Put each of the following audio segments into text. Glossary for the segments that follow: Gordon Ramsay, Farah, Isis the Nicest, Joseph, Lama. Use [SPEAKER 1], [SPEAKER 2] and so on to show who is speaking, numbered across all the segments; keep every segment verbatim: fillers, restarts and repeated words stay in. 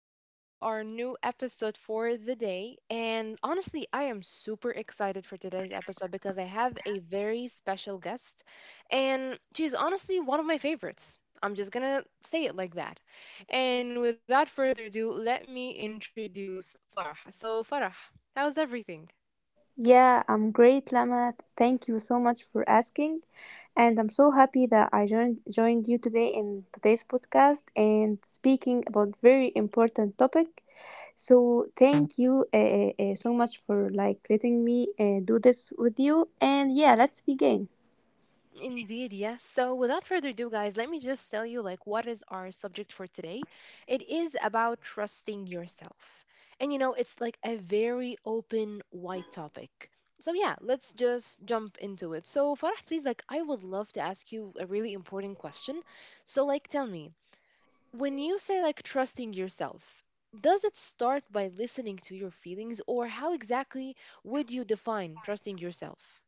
[SPEAKER 1] back to our new episode for the day. And honestly, I am super excited for today's episode because I have a very special guest, and she's honestly one of my favorites. I'm just gonna say it like that. And without further ado, let me introduce Farah. So, Farah, how's everything?
[SPEAKER 2] Yeah, I'm great, Lama. Thank you so much for asking. And I'm so happy that I joined joined you today in today's podcast and speaking about very important topic. So thank you uh, uh, uh, so much for like letting me uh, do this with you. And yeah, let's begin.
[SPEAKER 1] Indeed, yes. So, without further ado, guys, let me just tell you like what is our subject for today. It is about trusting yourself. And you know, it's like a very open, wide topic. So, yeah, let's just jump into it. So, Farah, please like I would love to ask you a really important question. So, like tell me, when you say like trusting yourself, does it start by listening to your feelings or how exactly would you define trusting yourself?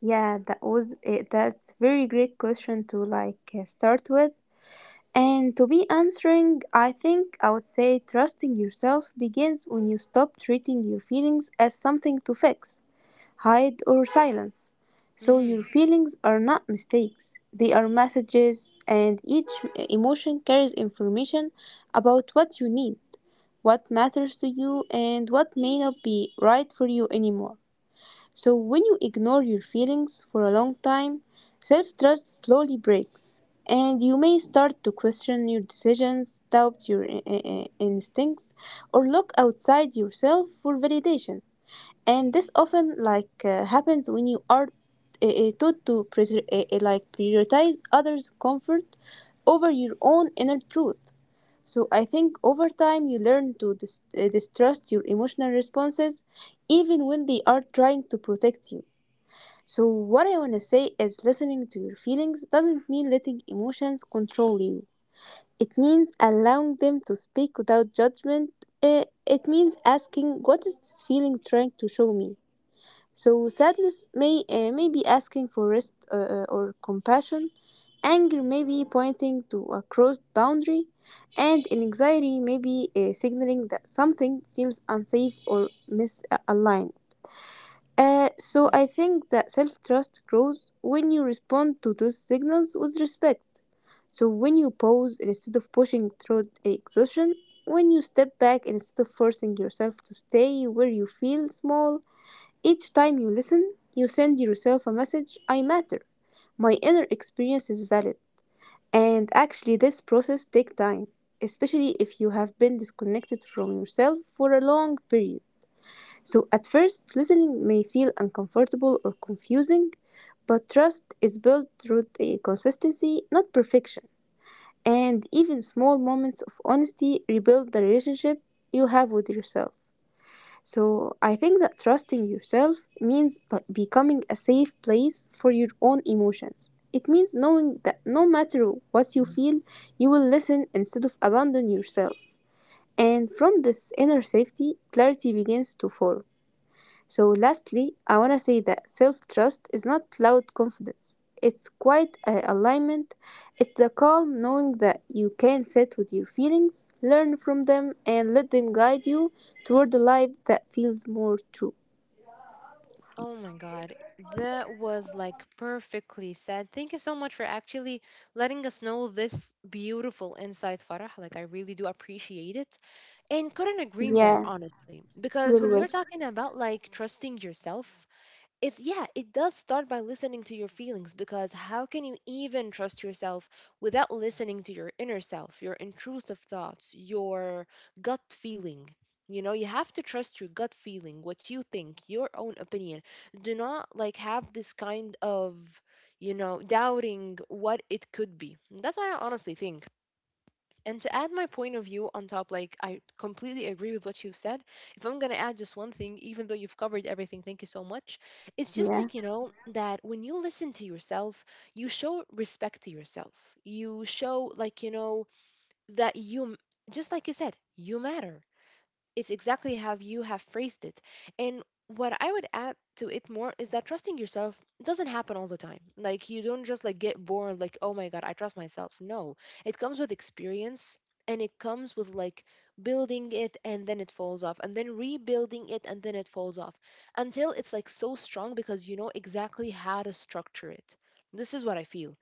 [SPEAKER 2] Yeah, that was uh, that's very great question to like uh, start with. And to be answering, I think I would say trusting yourself begins when you stop treating your feelings as something to fix, hide, or silence. So your
[SPEAKER 1] Mhm.
[SPEAKER 2] feelings are not mistakes, they are messages, and each emotion carries information about what you need, what matters to you, and what may not be right for you anymore. So, when you ignore your feelings for a long time, self trust slowly breaks, and you may start to question your decisions, doubt your i- i- instincts, or look outside yourself for validation. And this often like uh, happens when you are uh, uh, taught to prior- uh, uh, like prioritize others' comfort over your own inner truth. So I think over time you learn to dis- uh, distrust your emotional responses even when they are trying to protect you. So, what I want to say is listening to your feelings doesn't mean letting emotions control you. It means allowing them to speak without judgment. Uh, It means asking, what is this feeling trying to show me? So, sadness may, uh, may be asking for rest uh, uh, or compassion. Anger may be pointing to a crossed boundary. And anxiety may be uh, signaling that something feels unsafe or misaligned. Uh, so I think that self trust grows when you respond to those signals with respect. So when you pause instead of pushing through exhaustion, when you step back instead of forcing yourself to stay where you feel small, each time you listen, you send yourself a message I matter. My inner experience is valid. And actually, this process takes time, especially if you have been disconnected from yourself for a long period. So at first, listening may feel uncomfortable or confusing, but trust is built through the consistency, not perfection. And even small moments of honesty rebuild the relationship you have with yourself. So I think that trusting yourself means b- becoming a safe place for your own emotions. It means knowing that no matter what you feel, you will listen instead of abandon yourself. And from this inner safety, clarity begins to form. So, lastly, I want to say that self trust is not loud confidence. It's quite a alignment. It's the calm knowing that you can sit with your feelings, learn from them, and let them guide you toward a life that feels more true.
[SPEAKER 1] Oh my God, that was like perfectly said. Thank you so much for actually letting us know this beautiful insight, Farah. Like, I really do appreciate it and couldn't agree more,
[SPEAKER 2] Yeah,
[SPEAKER 1] honestly. Because when
[SPEAKER 2] you're
[SPEAKER 1] you're
[SPEAKER 2] welcome.
[SPEAKER 1] talking about like trusting yourself, it's yeah, it does start by listening to your feelings, because how can you even trust yourself without listening to your inner self, your intrusive thoughts, your gut feeling? You know, you have to trust your gut feeling, what you think, your own opinion. Do not like have this kind of, you know, doubting what it could be. That's why I honestly think, and to add my point of view on top, like I completely agree with what you've said. If I'm going to add just one thing, even though you've covered everything, thank you so much. It's just
[SPEAKER 2] Yeah,
[SPEAKER 1] like, you know, that when you listen to yourself, you show respect to yourself. You show, like, you know, that you, m- just like you said, you matter. It's exactly how you have phrased it. And what I would add to it more is that trusting yourself doesn't happen all the time. Like you don't just like get born like, oh my God, I trust myself. No. It comes with experience and it comes with like building it, and then it falls off, and then rebuilding it, and then it falls off, until it's like so strong because you know exactly how to structure it. This is what I feel.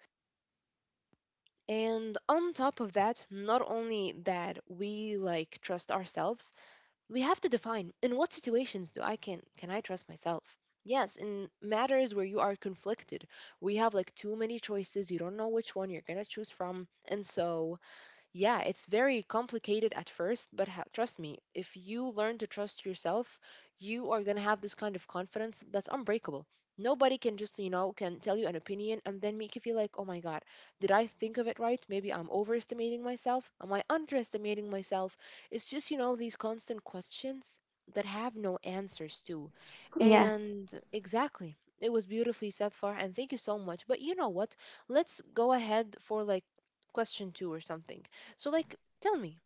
[SPEAKER 1] And on top of that, not only that we like trust ourselves, we have to define in what situations do I can can I trust myself? Yes, in matters where you are conflicted, we have like too many choices, you don't know which one you're going to choose from, and so yeah, it's very complicated at first, but ha- trust me, if you learn to trust yourself, you are going to have this kind of confidence that's unbreakable. Nobody can just, you know, can tell you an opinion and then make you feel like, oh my God, did I think of it right? Maybe I'm overestimating myself. Am I underestimating myself? It's just, you know, these constant questions that have no answers to.
[SPEAKER 2] yeah,
[SPEAKER 1] And exactly. It was beautifully said, Far, and thank you so much. But you know what? Let's go ahead for like question two or something. So, like, tell me,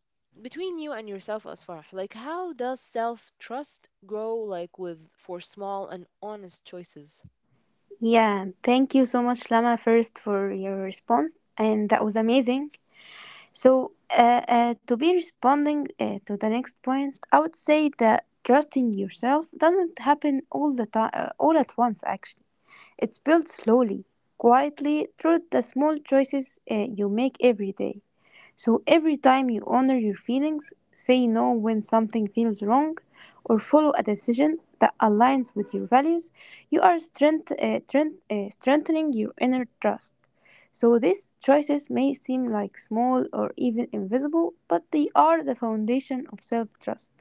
[SPEAKER 1] between you and yourself, Asfar, like, how does self trust grow, like, with for small and honest choices?
[SPEAKER 2] yeah. Thank you so much, Lama, first for your response. And that was amazing. So, uh, uh, to be responding uh, to the next point, I would say that trusting yourself doesn't happen all the time, all at once. Actually, it's built slowly, quietly, through the small choices uh, you make every day. So every time you honor your feelings, say no when something feels wrong, or follow a decision that aligns with your values, you are strength, uh, strength- uh, strengthening your inner trust. So these choices may seem like small or even invisible, but they are the foundation of self-trust.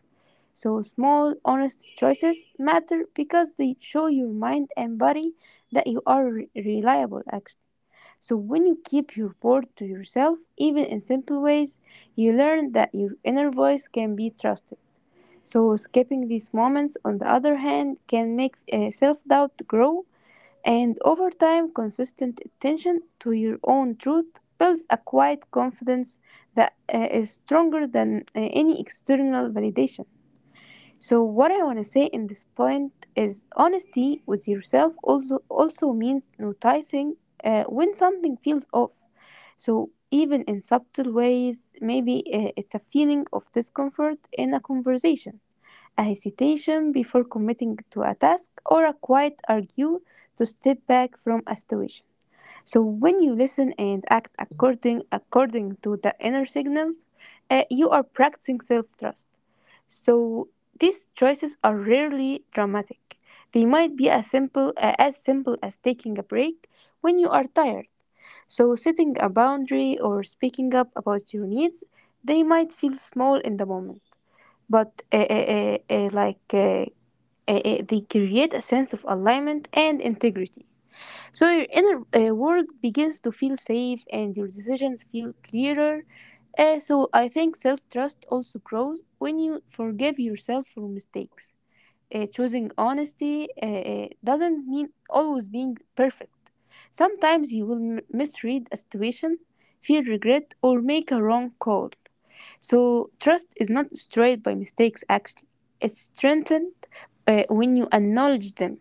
[SPEAKER 2] So, small, honest choices matter because they show your mind and body that you are re- reliable, actually. So, when you keep your word to yourself, even in simple ways, you learn that your inner voice can be trusted. So, skipping these moments, on the other hand, can make uh, self doubt grow, and over time, consistent attention to your own truth builds a quiet confidence that uh, is stronger than uh, any external validation. So what I want to say in this point is honesty with yourself also also means noticing uh, when something feels off. So even in subtle ways, maybe uh, it's a feeling of discomfort in a conversation, a hesitation before committing to a task, or a quiet argue to step back from a situation. So when you listen and act according according to the inner signals, uh, you are practicing self-trust. So these choices are rarely dramatic. They might be as simple uh, as simple as taking a break when you are tired. So setting a boundary or speaking up about your needs, they might feel small in the moment, but uh, uh, uh, uh, like uh, uh, uh, they create a sense of alignment and integrity. So your inner uh, world begins to feel safe and your decisions feel clearer. Uh, so I think self trust also grows when you forgive yourself for mistakes. Uh, choosing honesty uh, uh, doesn't mean always being perfect. Sometimes you will m- misread a situation, feel regret, or make a wrong call. So trust is not destroyed by mistakes, actually, it's strengthened uh, when you acknowledge them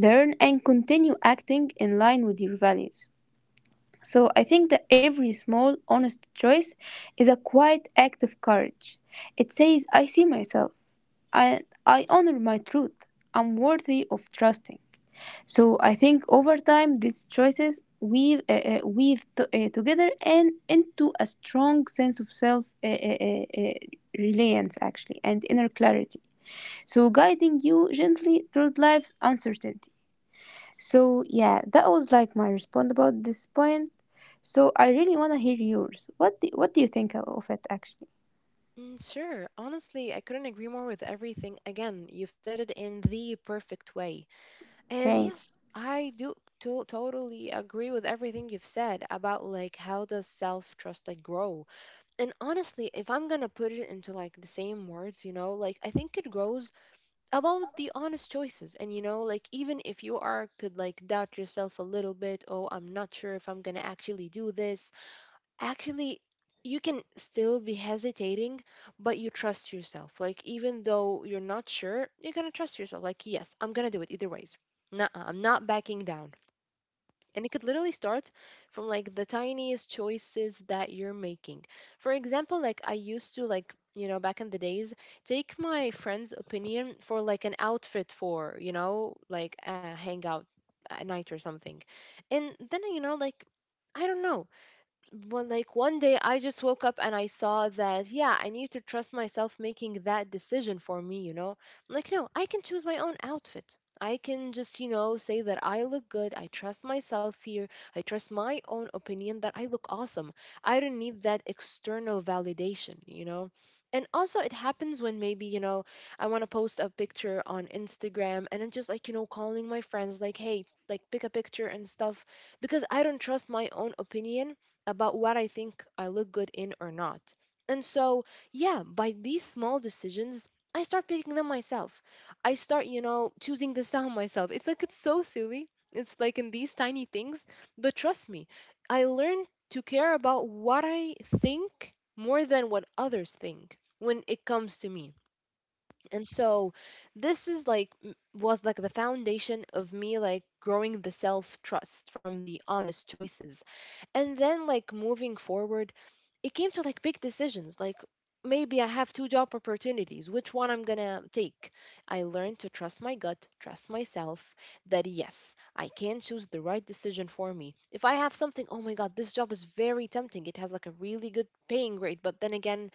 [SPEAKER 2] learn, and continue acting in line with your values. So I think that every small, honest choice is a quiet act of courage. It says, I see myself. I, I honor my truth. I'm worthy of trusting. So I think over time, these choices weave, uh, uh, weave t- uh, together and into a strong sense of self uh, uh, uh, uh, reliance, actually, and inner clarity. So guiding you gently through life's uncertainty. So yeah, that was like my response about this point. So I really want to hear yours. What do, what do you think of it actually?
[SPEAKER 1] Mm, sure. Honestly, I couldn't agree more with everything. Again, you've said it in the perfect way. And
[SPEAKER 2] Thanks.
[SPEAKER 1] yes, I do to- totally agree with everything you've said about like how does self-trust like grow. And honestly, if I'm gonna put it into like the same words, you know, like I think it grows about the honest choices. And you know, like even if you are could like doubt yourself a little bit, oh I'm not sure if I'm gonna actually do this, actually you can still be hesitating, but you trust yourself. Like even though you're not sure, you're gonna trust yourself like yes, I'm gonna do it either ways. Nuh-uh, I'm not backing down. And it could literally start from like the tiniest choices that you're making. For example, like I used to like, you know, back in the days, take my friend's opinion for like an outfit for, you know, like a hangout at night or something. And then, you know, like I don't know, one like one day I just woke up and I saw that yeah, I need to trust myself making that decision for me, you know? I'm like no, I can choose my own outfit. I can just, you know, say that I look good. I trust myself here. I trust my own opinion that I look awesome. I don't need that external validation, you know? And also, it happens when maybe, you know, I want to post a picture on Instagram and I'm just like, you know, calling my friends, like, hey, like, pick a picture and stuff, because I don't trust my own opinion about what I think I look good in or not. And so, yeah, by these small decisions, I start picking them myself. I start, you know, choosing the sound myself. It's like it's so silly. It's like in these tiny things, but trust me, I learn to care about what I think more than what others think when it comes to me. And so this is like m- was like the foundation of me like growing the self-trust from the honest choices, and then like moving forward, it came to like big decisions. Like maybe I have two job opportunities, which one I'm gonna take? I learned to trust my gut, trust myself, that yes I can choose the right decision for me. If I have something, oh my God, this job is very tempting, it has like a really good paying rate, but then again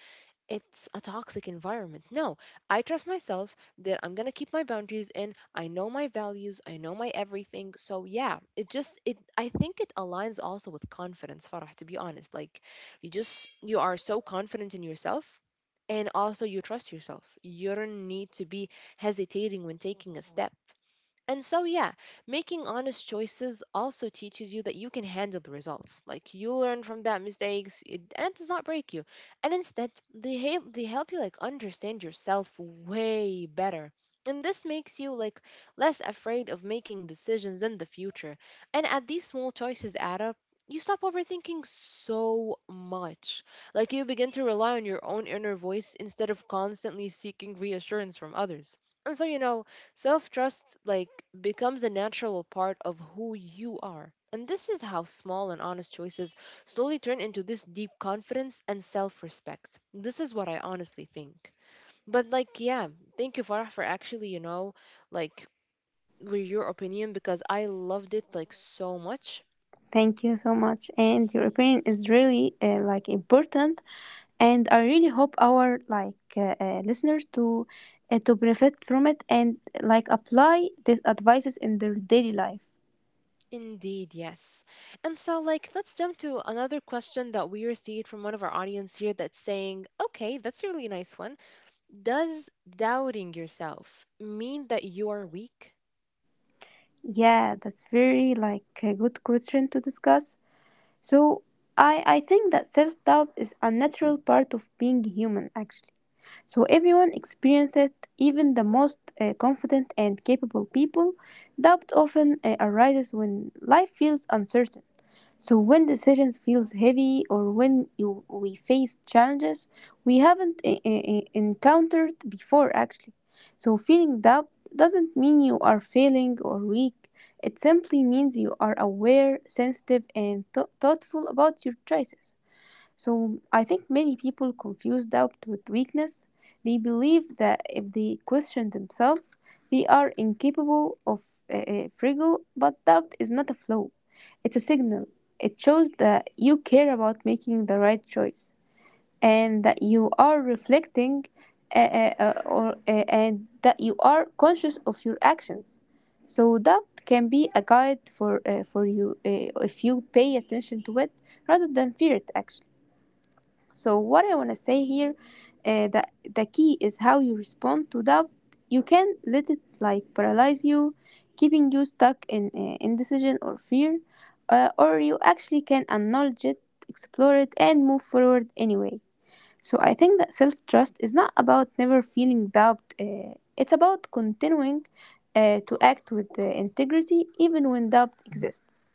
[SPEAKER 1] it's a toxic environment. No, I trust myself that I'm going to keep my boundaries in. I know my values, I know my everything. So yeah, it just it I think it aligns also with confidence, Farah, to be honest. Like you just you are so confident in yourself and also you trust yourself. You don't need to be hesitating when taking a step. And so, yeah, making honest choices also teaches you that you can handle the results. Like you learn from that mistakes, it, and it does not break you. And instead, they help they help you like understand yourself way better. And this makes you like less afraid of making decisions in the future. And as these small choices add up, you stop overthinking so much. Like you begin to rely on your own inner voice instead of constantly seeking reassurance from others. And so, you know, self trust, like, becomes a natural part of who you are. And this is how small and honest choices slowly turn into this deep confidence and self respect. This is what I honestly think. But, like, yeah, thank you, Farah, for actually, you know, like, with your opinion because I loved it, like, so much.
[SPEAKER 2] Thank you so much. And your opinion is really uh, like important and I really hope our like uh, uh, listeners to uh, to benefit from it and like apply these advices in their daily life.
[SPEAKER 1] Indeed, yes. And so, like, let's jump to another question that we received from one of our audience here that's saying, okay, that's a really nice one. Does doubting yourself mean that you are weak?
[SPEAKER 2] Yeah, that's very like a good question to discuss. So I I think that self doubt is a natural part of being human actually. So everyone experiences it, even the most uh, confident and capable people. Doubt often uh, arises when life feels uncertain. So when decisions feels heavy or when you, we face challenges we haven't uh, uh, uh, encountered before actually. So feeling doubt doesn't mean you are failing or weak. It simply means you are aware, sensitive and thou- thoughtful about your choices. So I think many people confuse doubt with weakness. They believe that if they question themselves, they are incapable of uh, uh, friggle, but doubt is not a flaw. It's a signal. It shows that you care about making the right choice and that you are reflecting uh, uh, uh, or, uh, and that you are conscious of your actions. So doubt can be a guide for, uh, for you uh, if you pay attention to it rather than fear it actually. So what I want to say here, uh, that the key is how you respond to doubt. You can let it like paralyze you, keeping you stuck in uh, indecision or fear, uh, or you actually can acknowledge it, explore it, and move forward anyway. So I think that self trust is not about never feeling doubt. Uh, it's about continuing uh, to act with uh, integrity even when doubt exists.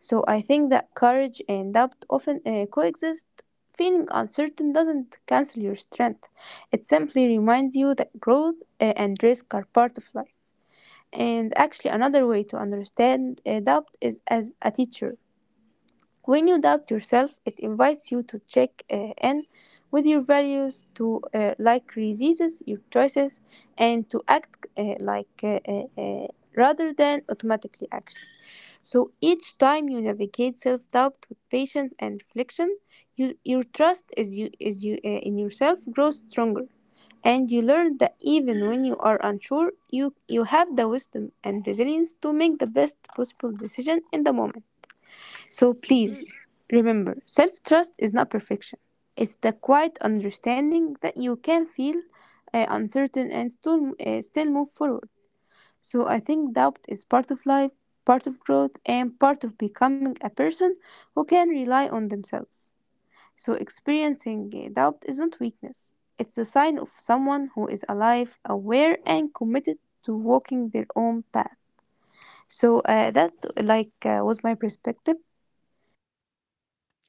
[SPEAKER 2] So I think that courage and doubt often uh, coexist. Feeling uncertain doesn't cancel your strength, it simply reminds you that growth uh, and risk are part of life. And actually, another way to understand uh, doubt is as a teacher. When you doubt yourself, it invites you to check uh, in with your values, to uh, like resist your choices, and to act uh, like uh, uh, uh, rather than automatically action. So each time you navigate self doubt with patience and reflection, you, your trust is you, is you, uh, in yourself grows stronger. And you learn that even when you are unsure, you, you have the wisdom and resilience to make the best possible decision in the moment. So please
[SPEAKER 1] Hmm.
[SPEAKER 2] remember self trust is not perfection, it's the quiet understanding that you can feel uh, uncertain and still, uh, still move forward. So I think doubt is part of life, part of growth, and part of becoming a person who can rely on themselves. So experiencing uh, doubt isn't weakness. It's a sign of someone who is alive, aware, and committed to walking their own path. So uh, that like uh, was my perspective.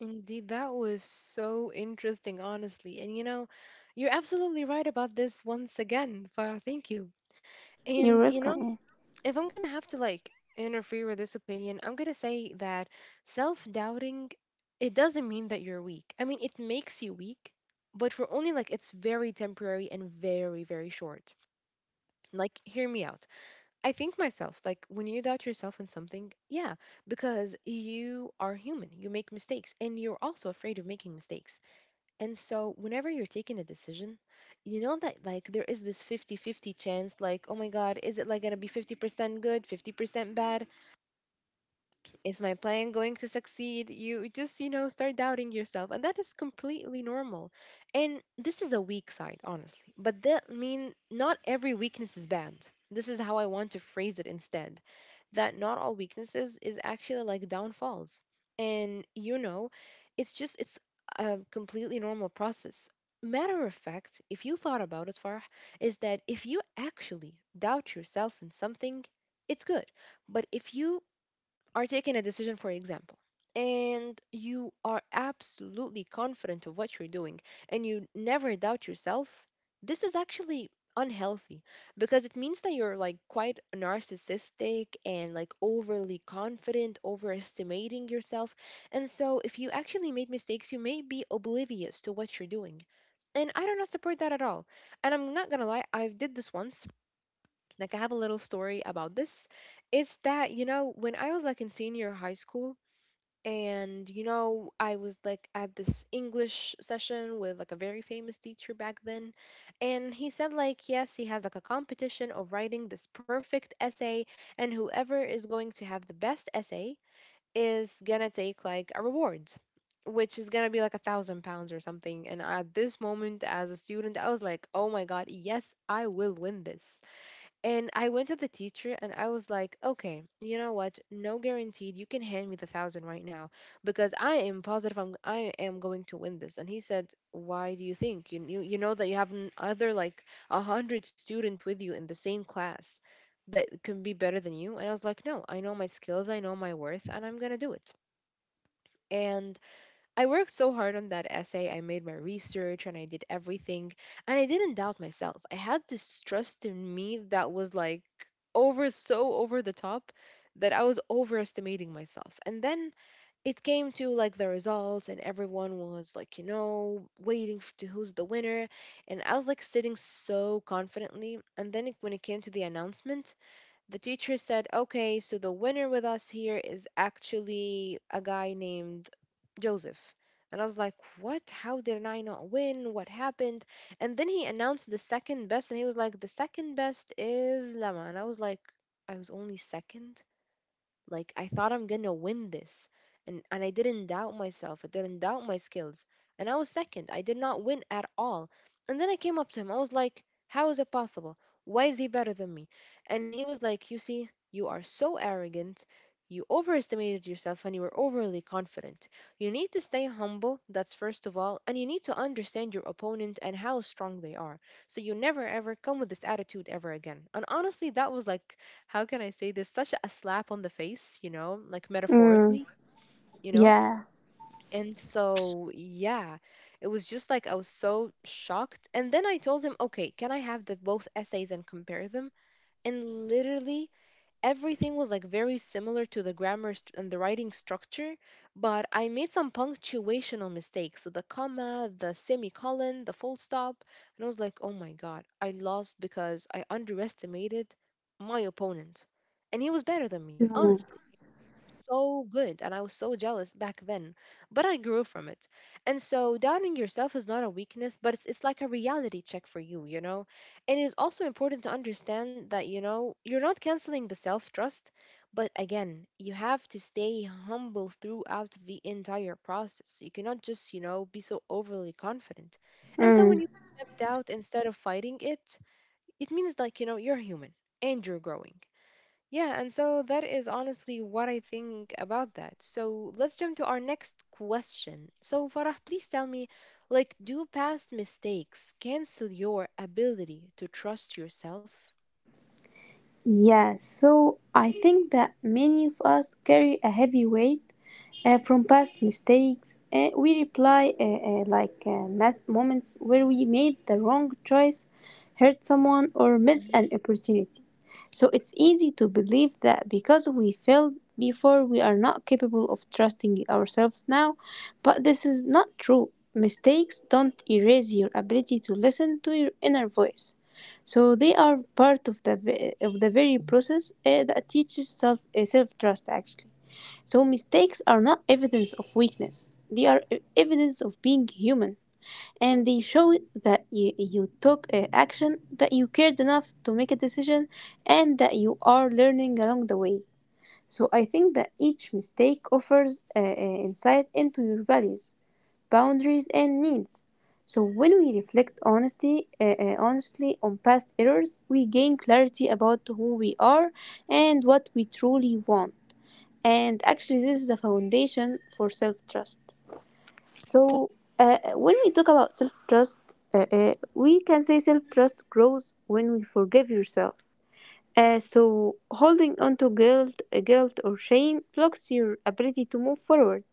[SPEAKER 1] Indeed, that was so interesting, honestly. And you know, you're absolutely right about this once again, Farah. Thank you.
[SPEAKER 2] You're
[SPEAKER 1] And you know,
[SPEAKER 2] welcome.
[SPEAKER 1] if I'm gonna have to like interfere with this opinion, I'm gonna say that self-doubting, it doesn't mean that you're weak. I mean, it makes you weak, but for only like it's very temporary and very, very short. Like, hear me out. I think myself, like when you doubt yourself in something, yeah, because you are human, you make mistakes, and you're also afraid of making mistakes. And so, whenever you're taking a decision, you know that like there is this fifty-fifty chance, like, oh my God, is it like gonna be fifty percent good, fifty percent bad? Is my plan going to succeed? You just, you know, start doubting yourself, and that is completely normal. And this is a weak side, honestly, but that mean not every weakness is bad. This is how I want to phrase it instead, that not all weaknesses is actually like downfalls. And you know, it's just it's a completely normal process. Matter of fact, if you thought about it, Farah, is that if you actually doubt yourself in something, it's good. But if you are taking a decision, for example, and you are absolutely confident of what you're doing and you never doubt yourself, this is actually unhealthy, because it means that you're like quite narcissistic and like overly confident, overestimating yourself. And so, if you actually made mistakes, you may be oblivious to what you're doing. And I do not support that at all. And I'm not gonna lie, I did this once. Like I have a little story about this. It's that, you know, when I was like in senior high school and you know, I was like at this English session with like a very famous teacher back then, and he said like yes, he has like a competition of writing this perfect essay, and whoever is going to have the best essay is gonna take like a reward which is gonna be like a thousand pounds or something. And at this moment, as a student, I was like, oh my god, yes, I will win this. And I went to the teacher and I was like, okay, you know what? No guaranteed. You can hand me the thousand right now because I am positive I'm, I am going to win this. And he said, why do you think? You, you, you know that you have n- other like a hundred student with you in the same class that can be better than you. And I was like, no, I know my skills, I know my worth, and I'm going to do it. And I worked so hard on that essay. I made my research and I did everything. And I didn't doubt myself. I had this trust in me that was like over, so over the top, that I was overestimating myself. And then it came to like the results, and everyone was like, you know, waiting f- to who's the winner. And I was like sitting so confidently. And then it, when it came to the announcement, the teacher said, okay, so the winner with us here is actually a guy named Joseph. And I was like, what? How did I not win? What happened? And then he announced the second best, and he was like, the second best is Lama. And I was like, I was only second? Like I thought I'm gonna win this. And and I didn't doubt myself. I didn't doubt my skills. And I was second. I did not win at all. And then I came up to him. I was like, how is it possible? Why is he better than me? And he was like, you see, you are so arrogant. You overestimated yourself and you were overly confident. You need to stay humble, that's first of all, and you need to understand your opponent and how strong they are. So you never ever come with this attitude ever again. And honestly, that was like, how can I say this? Such a slap on the face, you know, like
[SPEAKER 2] Mm.
[SPEAKER 1] metaphorically, you know?
[SPEAKER 2] Yeah.
[SPEAKER 1] And so, yeah, it was just like I was so shocked. And then I told him, okay, can I have the both essays and compare them? And literally, everything was like very similar to the grammar st- and the writing structure, but I made some punctuational mistakes. The comma, the semicolon, the full stop. And I was like, oh my God, I lost because I underestimated my opponent. And he was better than me,
[SPEAKER 2] Mm.
[SPEAKER 1] honestly, so good, and I was so jealous back then, but I grew from it. And so doubting yourself is not a weakness, but it's it's like a reality check for you, you know? It is also important to understand that, you know, you're not canceling the self-trust, but again, you have to stay humble throughout the entire process. You cannot just, you know, be so overly confident. And so
[SPEAKER 2] Mm.
[SPEAKER 1] when you accept doubt instead of fighting it, it means like, you know, you're human and you're growing. Yeah, and so that is honestly what I think about that. So let's jump to our next question. So, Farah, please tell me, like, do past mistakes cancel your ability to trust yourself?
[SPEAKER 2] Yeah. So I think that many of us carry a heavy weight uh, from past mistakes. Uh, we reply uh, uh, like uh, math moments where we made the wrong choice, hurt someone, or missed
[SPEAKER 1] Mhm,
[SPEAKER 2] an opportunity. So it's easy to believe that because we failed before, we are not capable of trusting ourselves now. But this is not true. Mistakes don't erase your ability to listen to your inner voice. So they are part of the ve- of the very process uh, that teaches self uh, self trust actually. So mistakes are not evidence of weakness. They are e- evidence of being human, and they show that you, you took uh, action, that you cared enough to make a decision, and that you are learning along the way. So I think that each mistake offers uh, uh, insight into your values boundaries, and needs. So when we reflect honestly, uh, uh, honestly on past errors, we gain clarity about who we are and what we truly want. And actually, this is the foundation for self-trust. So, uh, uh, when we talk about self trust, uh, uh, we can say self trust grows when we forgive yourself. Uh, so, holding on to guilt, uh, guilt or shame blocks your ability to move forward.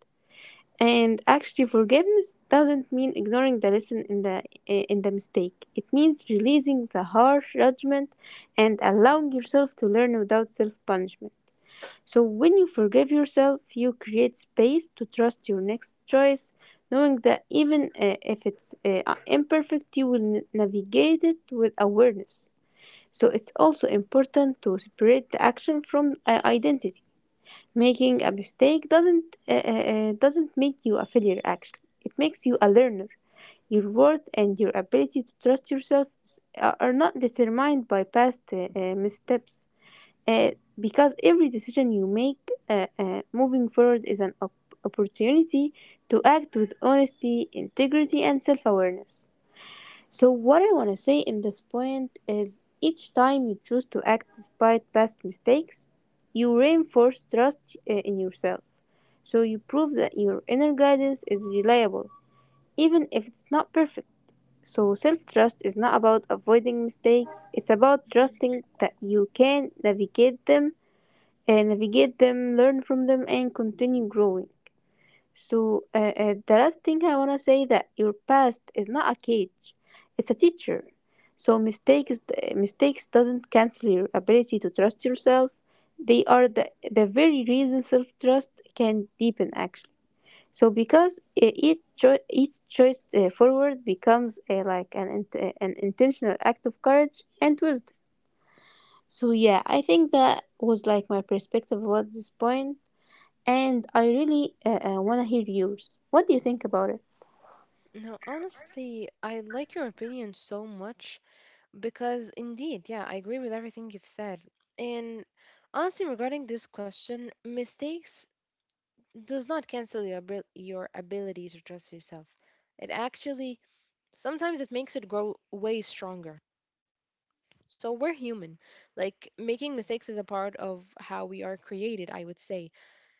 [SPEAKER 2] And actually, forgiveness doesn't mean ignoring the lesson in the eh, in the mistake. It means releasing the harsh judgment and allowing yourself to learn without self punishment. So when you forgive yourself, you create space to trust your next choice, knowing that even uh, if it's uh, uh, imperfect, you will n- navigate it with awareness. So it's also important to separate the action from uh, identity. Making a mistake doesn't uh, uh, uh, doesn't make you a failure actually. It makes you a learner. Your worth and your ability to trust yourself s- are are not determined by past uh, uh, missteps. Uh, because every decision you make uh, uh, moving forward is an op- opportunity to act with honesty, integrity, and self awareness. So, what I want to say in this point is each time you choose to act despite past mistakes, you reinforce trust uh, in yourself. So, you prove that your inner guidance is reliable, even if it's not perfect. So, self trust is not about avoiding mistakes, it's about
[SPEAKER 1] mhm.
[SPEAKER 2] trusting that you can navigate them, and navigate them, learn from them, and continue growing. So uh, uh, the last thing I wanna say that your past is not a cage, it's a teacher. So mistakes mistakes doesn't cancel your ability to trust yourself. They are the the very reason self trust can deepen actually. So because uh, each cho- each choice uh, forward becomes uh, like an int- eh, an intentional act of courage and wisdom. So yeah, I think that was like my perspective about this point and I really uh, uh, want to hear yours. What do you think about it?
[SPEAKER 1] No, honestly, I like your opinion so much because indeed, yeah, I agree with everything you've said. And honestly, regarding this question, mistakes does not cancel your abil- your ability to trust yourself. It actually sometimes it makes it grow way stronger. So we're human. Like making mistakes is a part of how we are created, I would say.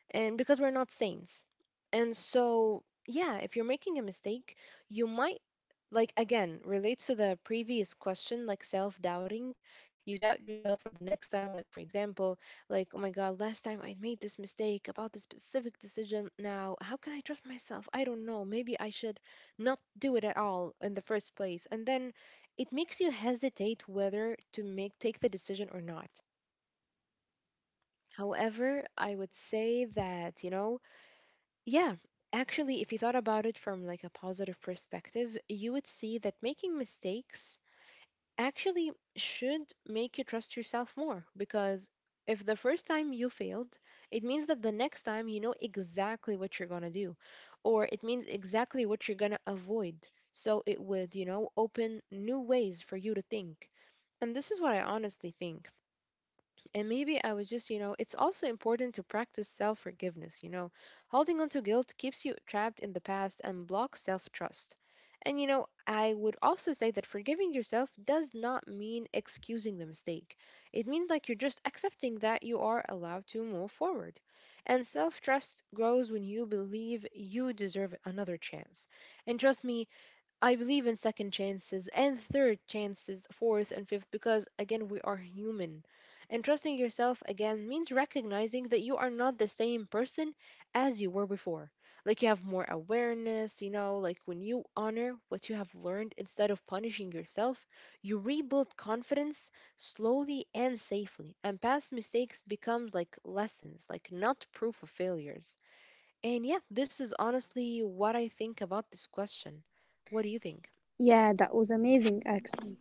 [SPEAKER 1] And because we're not saints. And so, yeah, if you're making a mistake, you might, like, again, relates to the previous question, like self-doubting. You doubt yourself for the next time, like for example, like, oh my god, last time I made this mistake about this specific decision, now how can I trust myself? I don't know, maybe I should not do it at all in the first place. And then it makes you hesitate whether to make take the decision or not. However, I would say that, you know, yeah, actually, if you thought about it from like a positive perspective, you would see that making mistakes actually should make you trust yourself more, because if the first time you failed, it means that the next time you know exactly what you're going to do, or it means exactly what you're going to avoid. So it would, you know, open new ways for you to think. And this is what I honestly think. And maybe I was just, you know, it's also important to practice self forgiveness. You know, holding on to guilt keeps you trapped in the past and blocks self trust. And, you know, I would also say that forgiving yourself does not mean excusing the mistake. It means like you're just accepting that you are allowed to move forward. And self trust grows when you believe you deserve another chance. And trust me, I believe in second chances and third chances, fourth and fifth, because again, we are human. And trusting yourself again means recognizing that you are not the same person as you were before. Like you have more awareness, you know, like when you honor what you have learned instead of punishing yourself, you rebuild confidence slowly and safely. And past mistakes becomes like lessons, like not proof of failures. And yeah, this is honestly what I think about this question. What do you think?
[SPEAKER 2] Yeah, that was amazing actually.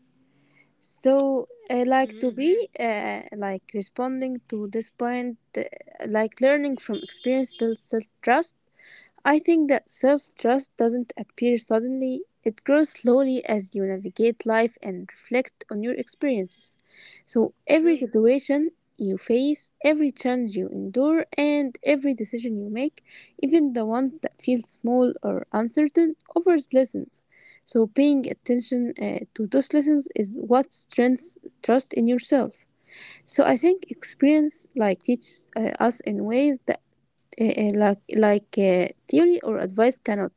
[SPEAKER 2] So, uh,
[SPEAKER 1] Mm,
[SPEAKER 2] like to be uh, like responding to this point, uh, like learning from experience builds self trust. I think that self trust doesn't appear suddenly, it grows slowly as you navigate life and reflect on your experiences. So, every
[SPEAKER 1] true.
[SPEAKER 2] situation you face, every challenge you endure, and every decision you make, even the ones that feel small or uncertain, offers lessons. So, paying attention uh, to those lessons is what strengthens trust in yourself. So I think experience like teaches uh, us in ways that uh, like like uh, theory or advice cannot.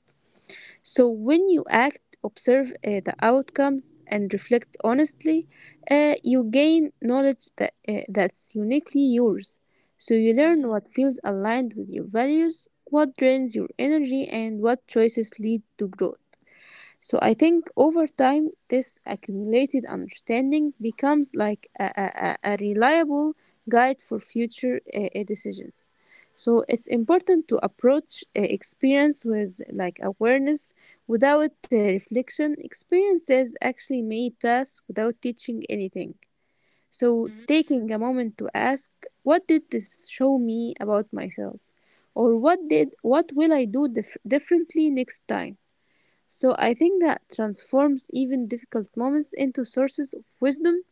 [SPEAKER 2] So when you act, observe uh, the outcomes, and reflect honestly, uh, you gain knowledge that uh, that's uniquely yours. So you learn
[SPEAKER 1] Mm-hmm,
[SPEAKER 2] what feels aligned with your values, what drains your energy, and what choices lead to growth. So I think over time, this accumulated understanding becomes like a, a, a a reliable guide for future uh, uh, decisions. So it's important to approach uh, experience with like awareness. Without uh, reflection, experiences actually may pass without teaching anything. So
[SPEAKER 1] mm-hmm,
[SPEAKER 2] taking a moment to ask, what did this show me about myself? Or what did what will I do dif- differently next time? So I think that transforms even difficult moments into sources of wisdom.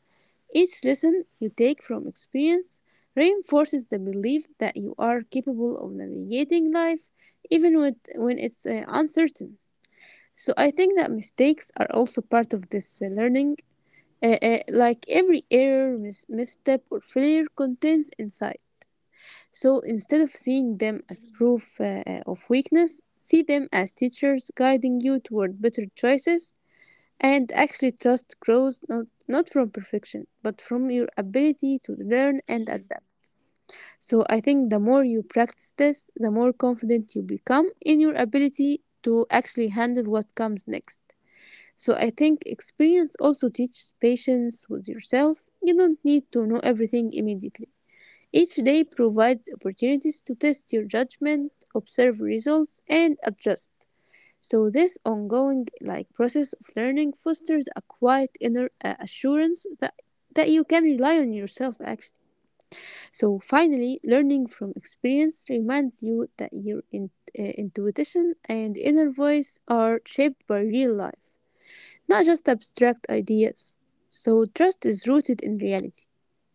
[SPEAKER 2] Each lesson you take from experience reinforces the belief that you are capable of navigating life even with, when it's uh, uncertain. So I think that mistakes are also part of this uh, learning. Uh, uh, like every error, mis- misstep, or failure contains insight. So instead of seeing them as proof uh, uh, of weakness, see them as teachers guiding you toward better choices and actually, trust grows not, not from perfection, but from your ability to learn and
[SPEAKER 1] mm-hmm,
[SPEAKER 2] adapt. So, I think the more you practice this, the more confident you become in your ability to actually handle what comes next. So, I think experience also teaches patience with yourself. You don't need to know everything immediately. Each day provides opportunities to test your judgment, observe results, and adjust. So this ongoing like process of learning fosters a quiet inner uh, assurance that that you can rely on yourself actually. So finally, learning from experience reminds you that your in, uh, intuition and inner voice are shaped by real life not just abstract ideas. So, trust is rooted in reality.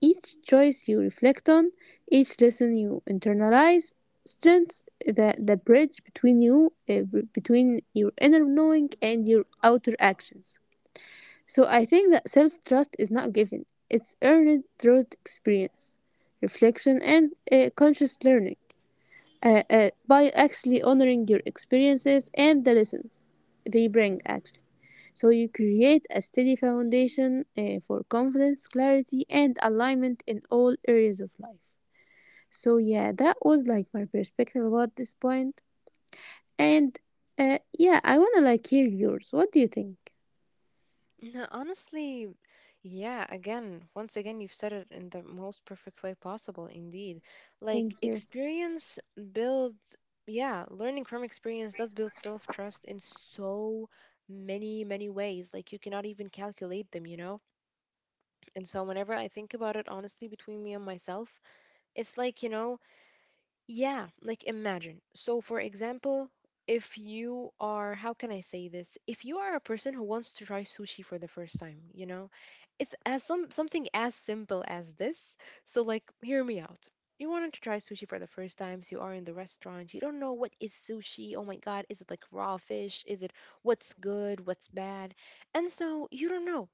[SPEAKER 2] Each choice you reflect on, each lesson you internalize, strengthens the, the bridge between you, uh, b- between your inner knowing and your outer actions. So, I think that self trust is not given, it's earned through experience, reflection, and uh, conscious learning. Uh, uh, by actually honoring your experiences and the lessons they bring, actually. So you create a steady foundation uh, for confidence, clarity, and alignment in all areas of life. So yeah, that was like my perspective about this point. And uh, yeah, I wanna like hear yours. What do you think?
[SPEAKER 1] mm. Honestly, yeah, again, once again, you've said it in the most perfect way possible, indeed. Like,
[SPEAKER 2] Thank you.
[SPEAKER 1] experience builds, yeah, learning from experience does build self-trust in so many, many ways. Like, you cannot even calculate them, you know? And so, whenever I think about it, honestly, between me and myself, it's like, you know, yeah, like imagine. So, for example, if you are, how can I say this? If you are a person who wants to try sushi for the first time, you know, it's as some something as simple as this. So, like, hear me out. You wanted to try sushi for the first time, so you are in the restaurant. You don't know what is sushi. Oh my God, is it like raw fish? Is it what's good, what's bad? And so you don't know.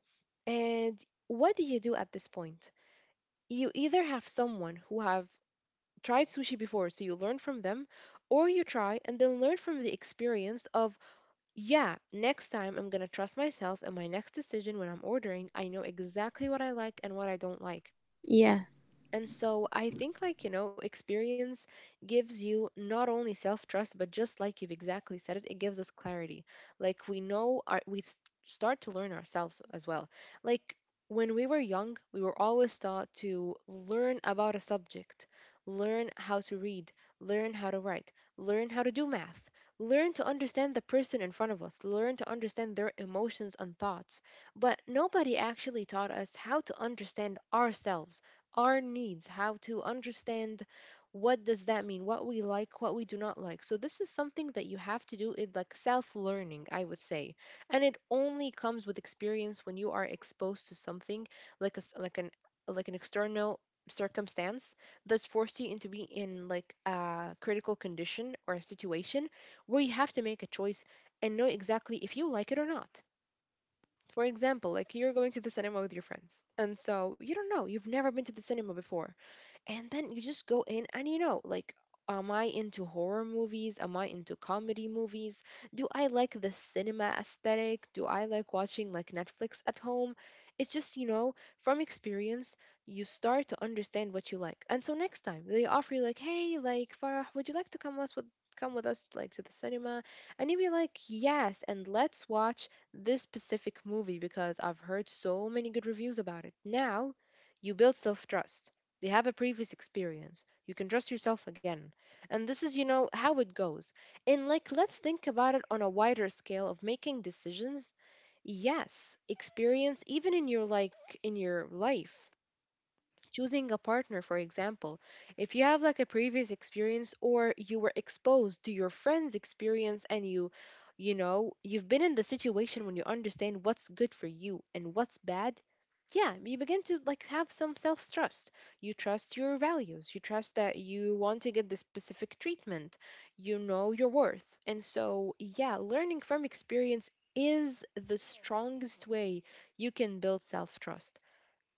[SPEAKER 1] And what do you do at this point? You either have someone who have tried sushi before, so you learn from them, or you try and then learn from the experience of, yeah, next time I'm going to trust myself and my next decision when I'm ordering. I know exactly what I like and what I don't like.
[SPEAKER 2] Yeah,
[SPEAKER 1] And so I think, like, you know, experience gives you not only self trust, but just like you've exactly said it, it gives us clarity. Like, we know our, we s- start to learn ourselves as well. Like, when we were young, we were always taught to learn about a subject, learn how to read, learn how to write, learn how to do math, learn to understand the person in front of us, learn to understand their emotions and thoughts. But nobody actually taught us how to understand ourselves, our needs, how to understand what does that mean, what we like, what we do not like. So this is something that you have to do it, like self learning, I would say. And it only comes with experience, when you are exposed to something, like a s like an, like an external circumstance that's forced you into be in like a critical condition or a situation where you have to make a choice and know exactly if you like it or not. For example, like you're going to the cinema with your friends, and so you don't know, you've never been to the cinema before, and then you just go in and you know, like, am I into horror movies, am I into comedy movies, do I like the cinema aesthetic, do I like watching like Netflix at home? It's just, you know, from experience, you start to understand what you like. And so next time they offer you, like, hey, like, Farah, would you like to come us with come with us, like, to the cinema, and you'd be like, yes, and let's watch this specific movie because I've heard so many good reviews about it. Now you build self-trust. They have a previous experience. You can trust yourself again. And this is, you know, how it goes. And like, let's think about it on a wider scale of making decisions. Yes, experience, even in your like in your life, choosing a partner for example. If you have like a previous experience, or you were exposed to your friend's experience, and you you know you've been in the situation, when you understand what's good for you and what's bad, yeah, you begin to like have some self trust. You trust your values, you trust that you want to get the specific treatment, you know your worth. And so yeah, learning from experience is the strongest way you can build self trust.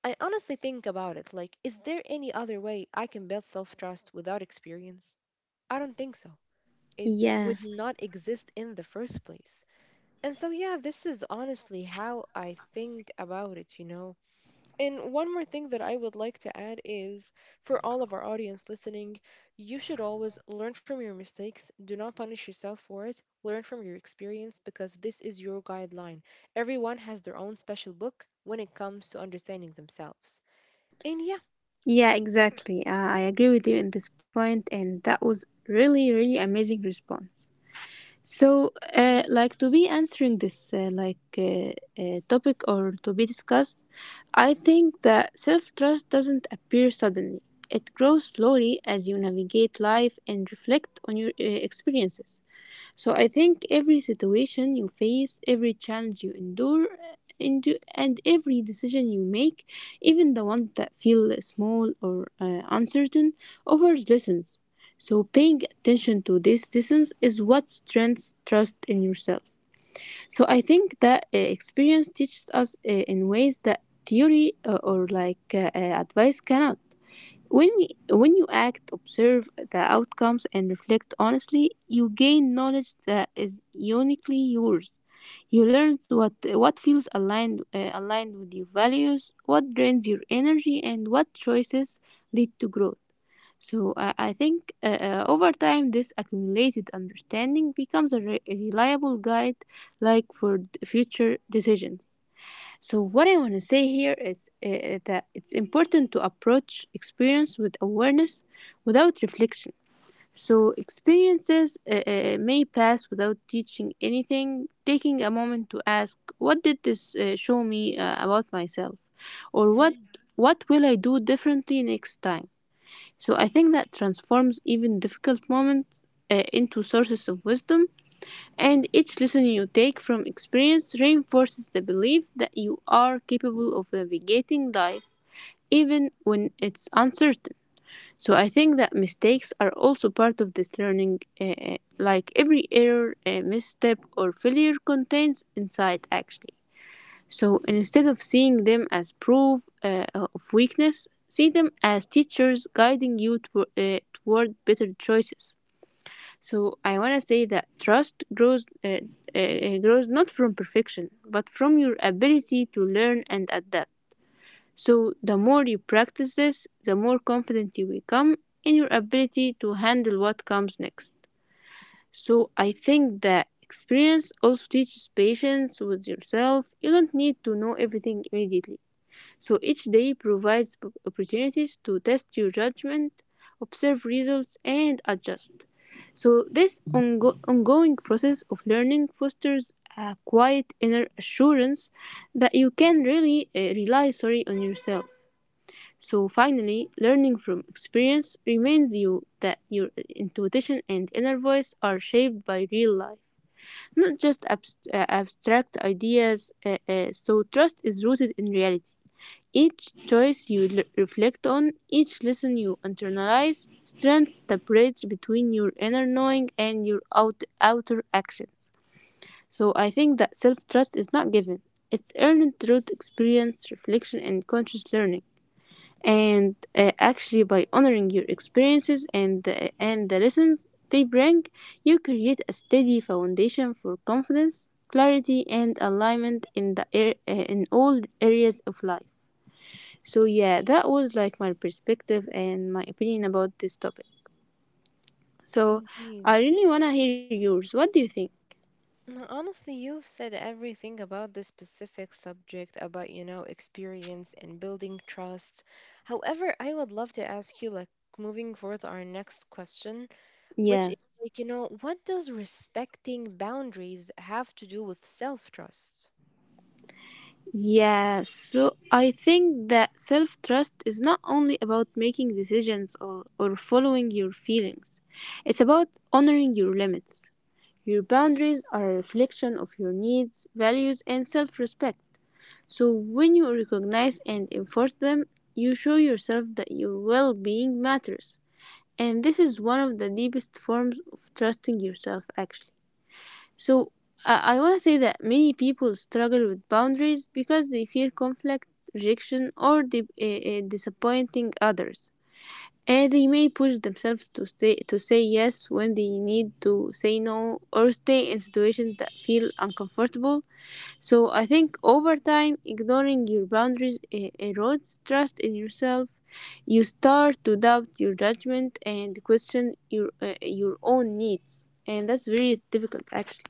[SPEAKER 1] I honestly think about it. Like, is there any other way I can build self trust without experience? I don't think so. It
[SPEAKER 2] yeah,
[SPEAKER 1] would not exist in the first place. And so, yeah, this is honestly how I think about it, you know? And one more thing that I would like to add is, for all of our audience listening, you should always learn from your mistakes. Do not punish yourself for it. Learn from your experience because this is your guideline. Everyone has their own special book when it comes to understanding themselves. And yeah.
[SPEAKER 2] yeah. Exactly. Uh, I agree with you in this point, and that was really, really amazing response. So, uh,
[SPEAKER 1] Mm,
[SPEAKER 2] like to be answering this uh, like uh, uh, topic or to be discussed, I think that self trust doesn't appear suddenly. It grows slowly as you navigate life and reflect on your uh, experiences. So I think every situation you face, every challenge you endure, and, and every decision you make, even the ones that feel small or uh, uncertain, offers lessons. So paying attention to these lessons is what strengthens trust in yourself. So I think that uh, experience teaches us uh, in ways that theory uh, or like uh, uh, advice cannot. When, when you act, observe the outcomes, and reflect honestly, you gain knowledge that is uniquely yours. You learn what, what feels aligned, uh, aligned with your values, what drains your energy, and what choices lead to growth. So uh, I think uh, uh, over time, this accumulated understanding becomes a re- reliable guide, like for d- future decisions. So, what I want to say here is uh, that it's important to approach experience with awareness without reflection. So, experiences uh, uh, may pass without teaching anything, taking a moment to ask, what did this uh, show me uh, about myself? Or what,
[SPEAKER 1] mhm.
[SPEAKER 2] what will I do differently next time? So, I think that transforms even difficult moments uh, into sources of wisdom and each lesson you take from experience reinforces the belief that you are capable of navigating life even when it's uncertain. So I think that mistakes are also part of this learning. Uh, uh, like every error, uh, misstep, or failure contains insight actually. So instead of seeing them as proof uh, of weakness, see them as teachers guiding you tw- uh, toward better choices. So I want to say that trust grows uh, uh, grows not from perfection, but from your ability to learn and adapt. So the more you practice this, the more confident you become in your ability to handle what comes next. So I think that experience also teaches patience with yourself. You don't need to know everything immediately. So each day provides p- opportunities to test your judgment, observe results, and adjust. So this ongo- ongoing process of learning fosters a quiet inner assurance that you can really uh, rely sorry on yourself. So finally, learning from experience reminds you that your eh, intuition and inner voice are shaped by real life, not just abst- uh, abstract ideas. Uh, uh, so trust is rooted in reality. Each choice you l- reflect on, each lesson you internalize, strengthens the bridge between your inner knowing and your out- outer actions. So I think that self trust is not given, it's earned through experience, reflection, and conscious learning. And uh, actually, by honoring your experiences and, uh, and the lessons they bring, you create a steady foundation for confidence, clarity, and alignment in, the ar- uh, in all areas of life. So yeah, that was like my perspective and my opinion about this topic. So I
[SPEAKER 1] Indeed.
[SPEAKER 2] really want to hear yours. What do you think?
[SPEAKER 1] No, honestly, you've said everything about this specific subject, about, you know, experience and building trust. However, I would love to ask you, like, moving forward, to our next question, which
[SPEAKER 2] Yeah.
[SPEAKER 1] is, like, you know, what does respecting boundaries have to do with self-trust?
[SPEAKER 2] Yeah, so I think that self trust is not only about making decisions or, or following your feelings, it's about honoring your limits. Your boundaries are a reflection of your needs, values, and self respect. So when you recognize and enforce them, you show yourself that your well being matters. And this is one of the deepest forms of trusting yourself actually. So i, I want to say that many people struggle with boundaries because they fear conflict, rejection, or di- uh, uh, disappointing others, and they may push themselves to stay to say yes when they need to say no, or stay in situations that feel uncomfortable. So I think over time, ignoring your boundaries e- erodes trust in yourself. You start to doubt your judgment and question your uh, your own needs, and that's very difficult actually.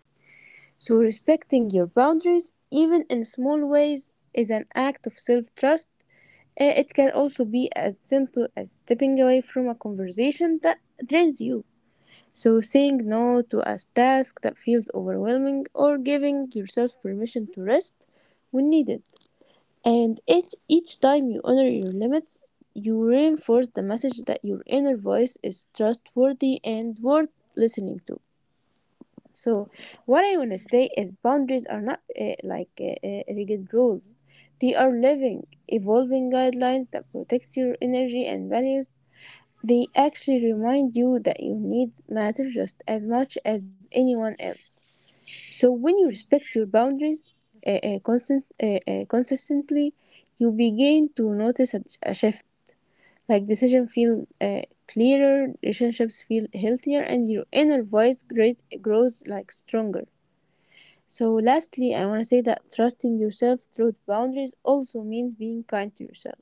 [SPEAKER 2] So respecting your boundaries, even in small ways, is an act of self trust. It can also be as simple as stepping away from a conversation that drains you, so saying no to a task that feels overwhelming, or giving yourself permission to rest when needed. And each, each time you honor your limits, you reinforce the message that your inner voice is trustworthy and worth listening to. So, what I want to
[SPEAKER 1] Mm.
[SPEAKER 2] say is boundaries are not uh, like uh, uh, rigid rules. They are living, evolving guidelines that protect your energy and values. They actually remind you that your needs matter just as much as anyone else. So when you
[SPEAKER 1] Mm.
[SPEAKER 2] respect your boundaries uh, uh, constant, uh, uh, consistently, you begin to notice a, a shift. Like decisions feel uh, clearer, relationships feel healthier, and your inner voice great, grows like stronger. So lastly, I want to say that trusting yourself through boundaries also means being kind to yourself.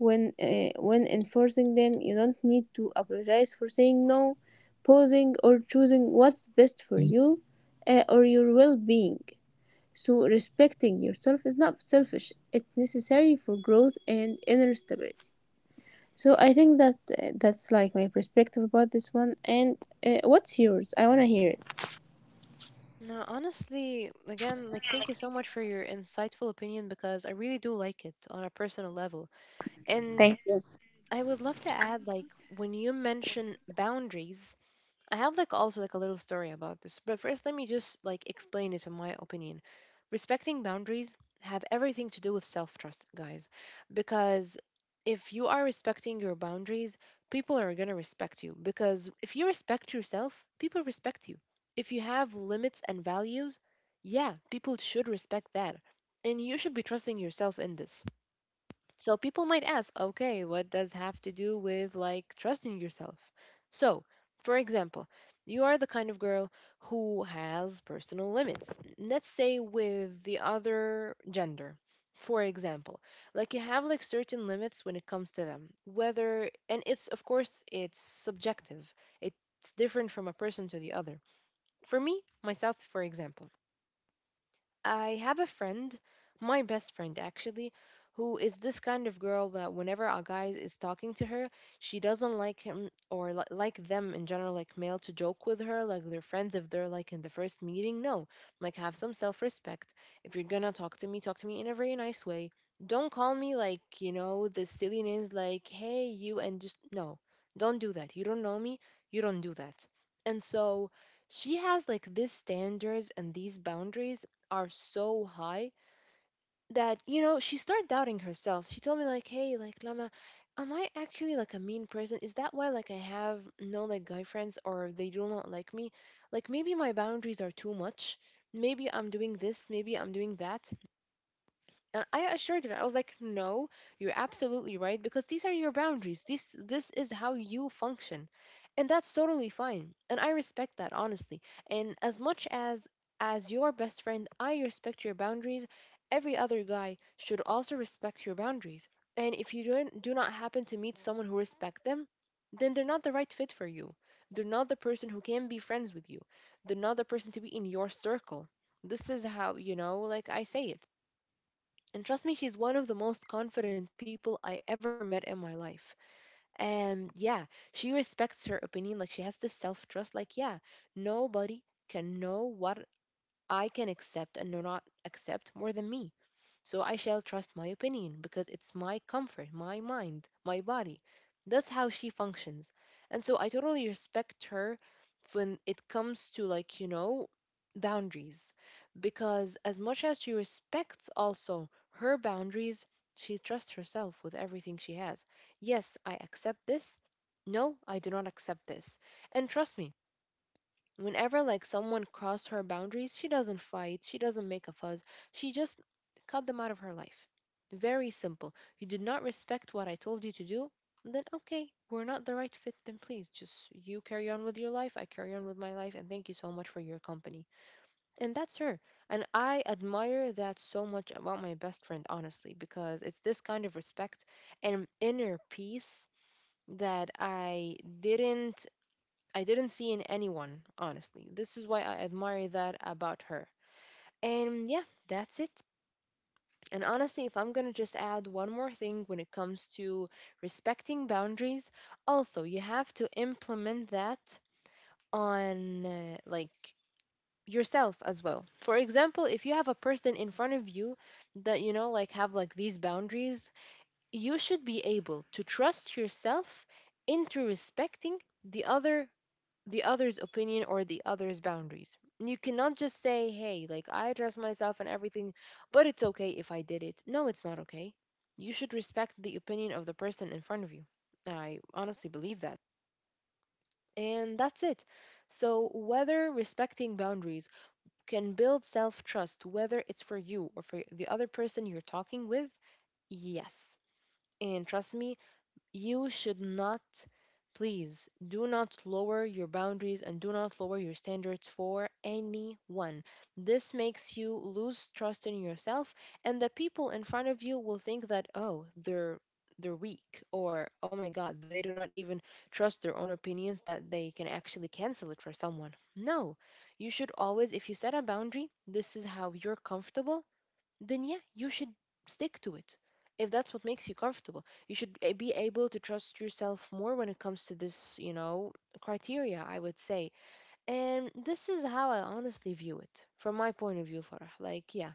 [SPEAKER 2] When uh, when enforcing them, you don't need to apologize for saying no, pausing, or choosing what's best for you, uh, or your well-being. So respecting yourself is not selfish; it's necessary for growth and inner stability. So I think that uh, that's like my perspective about this one. And uh, what's yours? I wanna hear it.
[SPEAKER 1] No, honestly, again, like thank you so much for your insightful opinion because I really do like it on a personal level. And
[SPEAKER 2] Thank you.
[SPEAKER 1] I would love to add, like, when you mention boundaries, I have like also like a little story about this. But first, let me just like explain it in my opinion. Respecting boundaries have everything to do with self-trust, guys, because if you are respecting your boundaries, people are gonna respect you. Because if you respect yourself, people respect you. If you have limits and values, yeah, people should respect that. And you should be trusting yourself in this. So people might ask, okay, what does have to do with like trusting yourself? So, for example, you are the kind of girl who has personal limits. Let's say with the other gender. For example, like you have like certain limits when it comes to them. Whether, and it's of course it's subjective. It's different from a person to the other. For me, myself, for example, I have a friend, my best friend actually, who is this kind of girl that whenever a guy is talking to her, she doesn't like him or li- like them in general, like male to joke with her, like their friends if they're like in the first meeting. No, like have some self respect. If you're gonna talk to me, talk to me in a very nice way. Don't call me like, you know, the silly names like, hey, you, and just no, don't do that. You don't know me, you don't do that. And so she has like these standards, and these boundaries are so high that you know she started doubting herself. She told me like, hey, like, Lama, am I actually like a mean person? Is that why like I have no like guy friends, or they do not like me? Like, maybe my boundaries are too much, maybe I'm doing this, maybe I'm doing that. And I assured her, I was like, no, you're absolutely right, because these are your boundaries. This this is how you function. And that's totally fine. And I respect that, honestly. And as much as as your best friend, I respect your boundaries, every other guy should also respect your boundaries. And if you don't, do not happen to meet someone who respect them, then they're not the right fit for you. They're not the person who can be friends with you. They're not the person to be in your circle. This is how, you know, like I say it. And trust me, she's one of the most confident people I ever met in my life. And yeah, she respects her opinion. Like she has this self trust. Like, yeah, nobody can know what I can accept and not accept more than me. So I shall trust my opinion because it's my comfort, my mind, my body. That's how she functions. And so I totally respect her when it comes to, like, you know, boundaries. Because as much as she respects also her boundaries, she trusts herself with everything she has. Yes, I accept this. No, I do not accept this. And trust me, whenever like someone crossed her boundaries, she doesn't fight, she doesn't make a fuss. She just cut them out of her life. Very simple. You did not respect what I told you to do, then okay, we're not the right fit. Then please just you carry on with your life, I carry on with my life, and thank you so much for your company. And that's her. And I admire that so much about my best friend, honestly, because it's this kind of respect and inner peace that i didn't I didn't see in anyone, honestly. This is why I admire that about her. And yeah, that's it. And honestly, if I'm gonna just add one more thing when it comes to respecting boundaries, also, you have to implement that on uh, like yourself as well. For example, if you have a person in front of you that you know like have like these boundaries, you should be able to trust yourself into respecting the other the other's opinion or the other's boundaries. You cannot just say, hey, like I trust myself and everything, but it's okay if I did it. No, it's not okay. You should respect the opinion of the person in front of you. I honestly believe that. And that's it. So, whether respecting boundaries can build self trust, whether it's for you or for the other person you're talking with, yes. And trust me, you should not, please do not lower your boundaries and do not lower your standards for anyone. This makes you lose trust in yourself, and the people in front of you will think that, oh, they're they're weak, or oh my god, they do not even trust their own opinions, that they can actually cancel it for someone. No, you should always, if you set a boundary, this is how you're comfortable, then yeah, you should stick to it. If that's what makes you comfortable, you should a- be able to trust yourself more when it comes to this, you know, criteria, I would say. And this is how I honestly view it from my point of view, Farah. Like, yeah,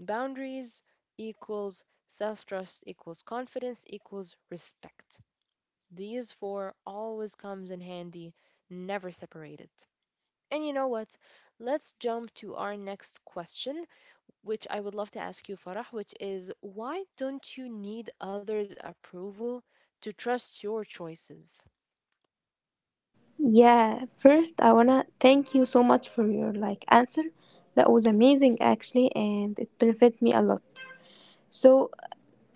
[SPEAKER 1] boundaries equals self trust equals confidence equals respect. These four always comes in handy, never separated. And you know what? Let's jump to our next question, which I would love to ask you, Farah, which is, why don't you need others' approval to trust your choices?
[SPEAKER 2] Yeah, first I wanna thank you so much for your like answer. That was amazing actually, and it benefited me a lot. So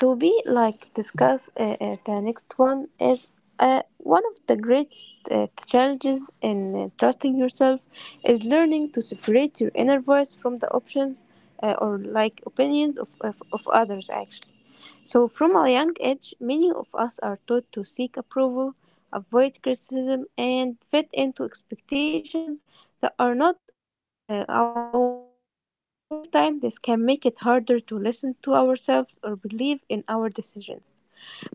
[SPEAKER 2] to be like discuss uh, uh, the next one is, uh, one of the greatest uh, challenges in uh, trusting yourself is learning to separate your inner voice from the options, uh, or like opinions of, of, of others actually. So from a young age, many of us are taught to seek approval, avoid criticism, and fit into expectations that are not always uh, our own. So over time, this can make it harder to listen to ourselves or believe in our decisions.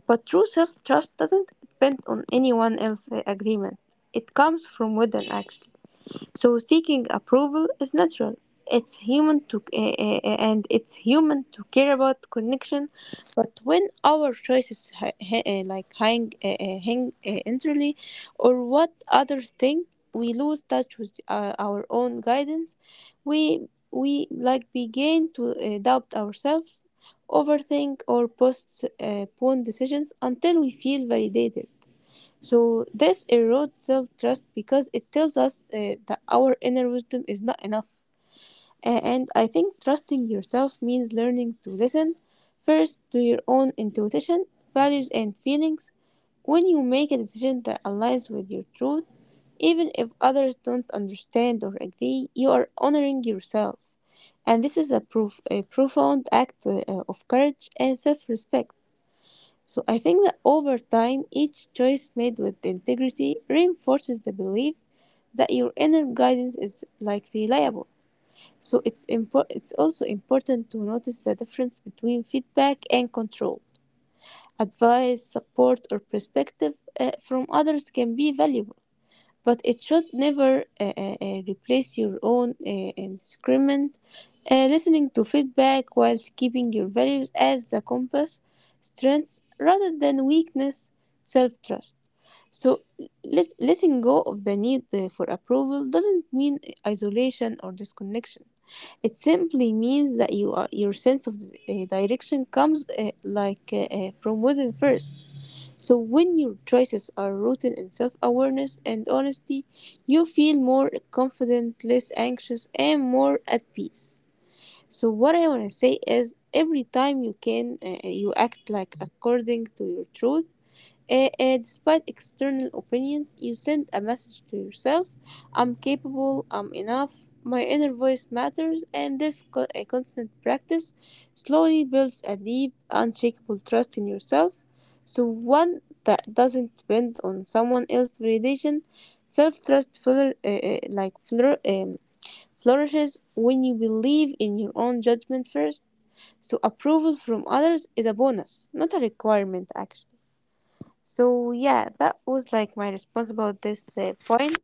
[SPEAKER 2] But true self trust doesn't depend on anyone else's agreement, it comes from within actually. So seeking approval is natural. It's human to eh, eh, eh, and it's human to care about connection, but when our choices ha- ha- eh, like hang eh, eh, hang eh, entirely or what others think, we lose touch with uh, our own guidance. We we like begin to eh, doubt ourselves, overthink, or postpone decisions until we feel validated. So this erodes self-trust because it tells us uh, that our inner wisdom is not enough. A- And I think trusting yourself means learning to listen first to your own intuition, values, and feelings. When you make a decision that aligns with your truth, even if others don't understand or agree, you are honoring yourself. And this is a, proof, a profound act uh, of courage and self respect. So I think that over time, each choice made with integrity reinforces the belief that your inner guidance is like reliable. So it's impor- it's also important to notice the difference between feedback and control. Advice, support, or perspective uh, from others can be valuable, but it should never uh, uh, uh, replace your own uh, discernment. Uh, listening to feedback while keeping your values as the compass, strengths rather than weakness, self trust. So, let, letting go of the need uh, for approval doesn't mean isolation or disconnection. It simply means that you are, your sense of uh, direction comes uh, like uh, uh, from within first. So when your choices are rooted in self awareness and honesty, you feel more confident, less anxious, and more at peace. So, what I want to say is every time you can, uh, you act like according to your truth, uh, uh, despite external opinions, you send a message to yourself: I'm capable, I'm enough, my inner voice matters. And this co- a constant practice slowly builds a deep, unshakable trust in yourself. So one that doesn't depend on someone else's validation, self trust fuller, uh, uh, like flor- um, flourishes when you believe in your own judgment first. So approval from others is a bonus, not a requirement, actually. So yeah, that was like my response about this uh, point.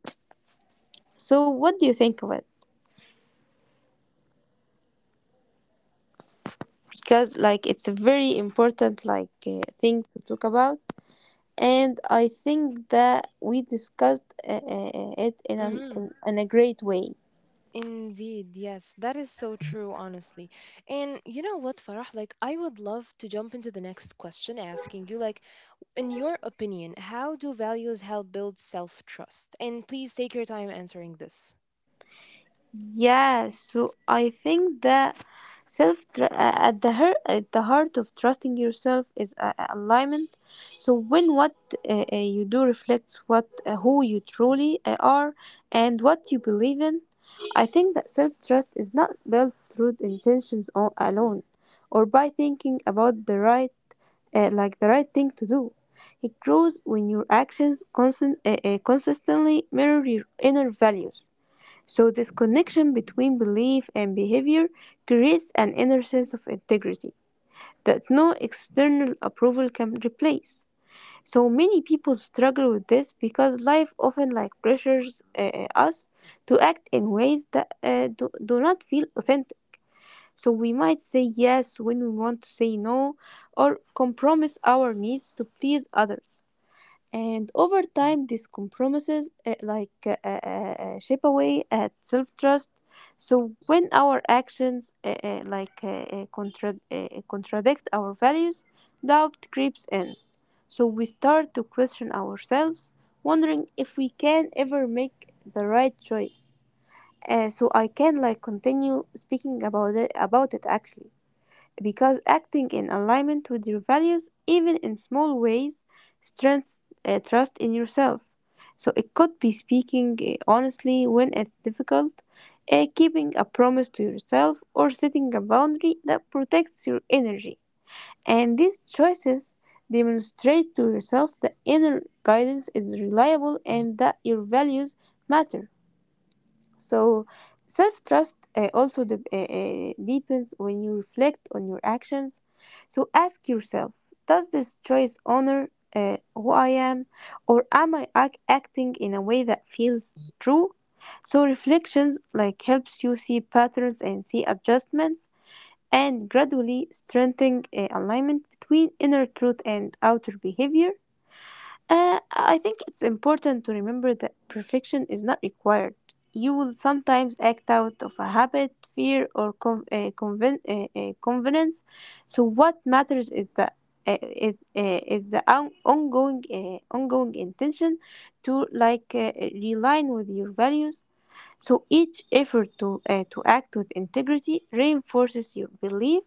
[SPEAKER 2] So what do you think of it? Because like it's a very important like uh, thing to talk about, and I think that we discussed uh, uh, uh, it in a
[SPEAKER 1] Hmm.
[SPEAKER 2] in, in a great way.
[SPEAKER 1] Indeed, yes, that is so true, honestly. And you know what, Farah? Like, I would love to jump into the next question asking you, like, in your opinion, how do values help build self-trust? And please take your time answering this.
[SPEAKER 2] Yes, so I think that self tr- uh, at the heart at the heart of trusting yourself is a- a- alignment. So when what uh, uh, you do reflects what uh, who you truly uh, are and what you believe in, I think that self trust is not built through intentions o- alone, or by thinking about the right, uh, like the right thing to do. It grows when your actions constant, uh, uh, consistently mirror your inner values. So this connection between belief and behavior creates an inner sense of integrity that no external approval can replace. So many people struggle with this because life often like pressures uh, uh, us to act in ways that uh, do, do not feel authentic. So we might say yes when we want to say no, or compromise our needs to please others. And over time, these compromises uh, like uh, uh, uh, chip away at self-trust. So when our actions uh, uh, like uh, uh, contra- uh, contradict our values, doubt creeps in. So we start to question ourselves, wondering if we can ever make the right choice. Uh, so I can like continue speaking about it about it actually, because acting in alignment with your values, even in small ways, strengthens uh, trust in yourself. So it could be speaking uh, honestly when it's difficult, uh, keeping a promise to yourself, or setting a boundary that protects your energy. And these choices demonstrate to yourself that inner guidance is reliable and that your values matter. So, self trust uh, also de- uh, uh, deepens when you reflect on your actions. So, ask yourself: Does this choice honor uh, who I am, or am I ac- acting in a way that feels true? So reflections like helps you see patterns and see adjustments, and gradually strengthening uh, alignment between inner truth and outer behavior. Uh, I think it's important to remember that perfection is not required. You will sometimes act out of a habit, fear, or con- uh, conven- uh, uh, convenience. So what matters is the uh, it, uh, is the on- ongoing uh, ongoing intention to like uh, realign with your values. So each effort to, uh, to act with integrity reinforces your belief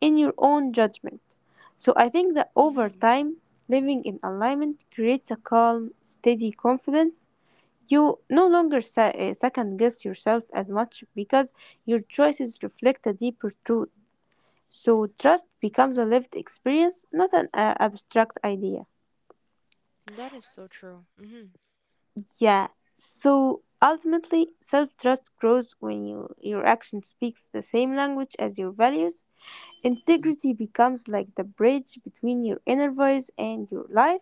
[SPEAKER 2] in your own judgment. So I think that over
[SPEAKER 1] Hmm.
[SPEAKER 2] time, living in alignment creates a calm, steady confidence. You no longer se- uh, second guess yourself as much, because your choices reflect a deeper truth. So trust becomes a lived experience, not an uh, abstract idea.
[SPEAKER 1] That is so true. Hmm.
[SPEAKER 2] Yeah. So ultimately, self trust grows when you, your action speaks the same language as your values. Integrity becomes like the bridge between your inner voice and your life,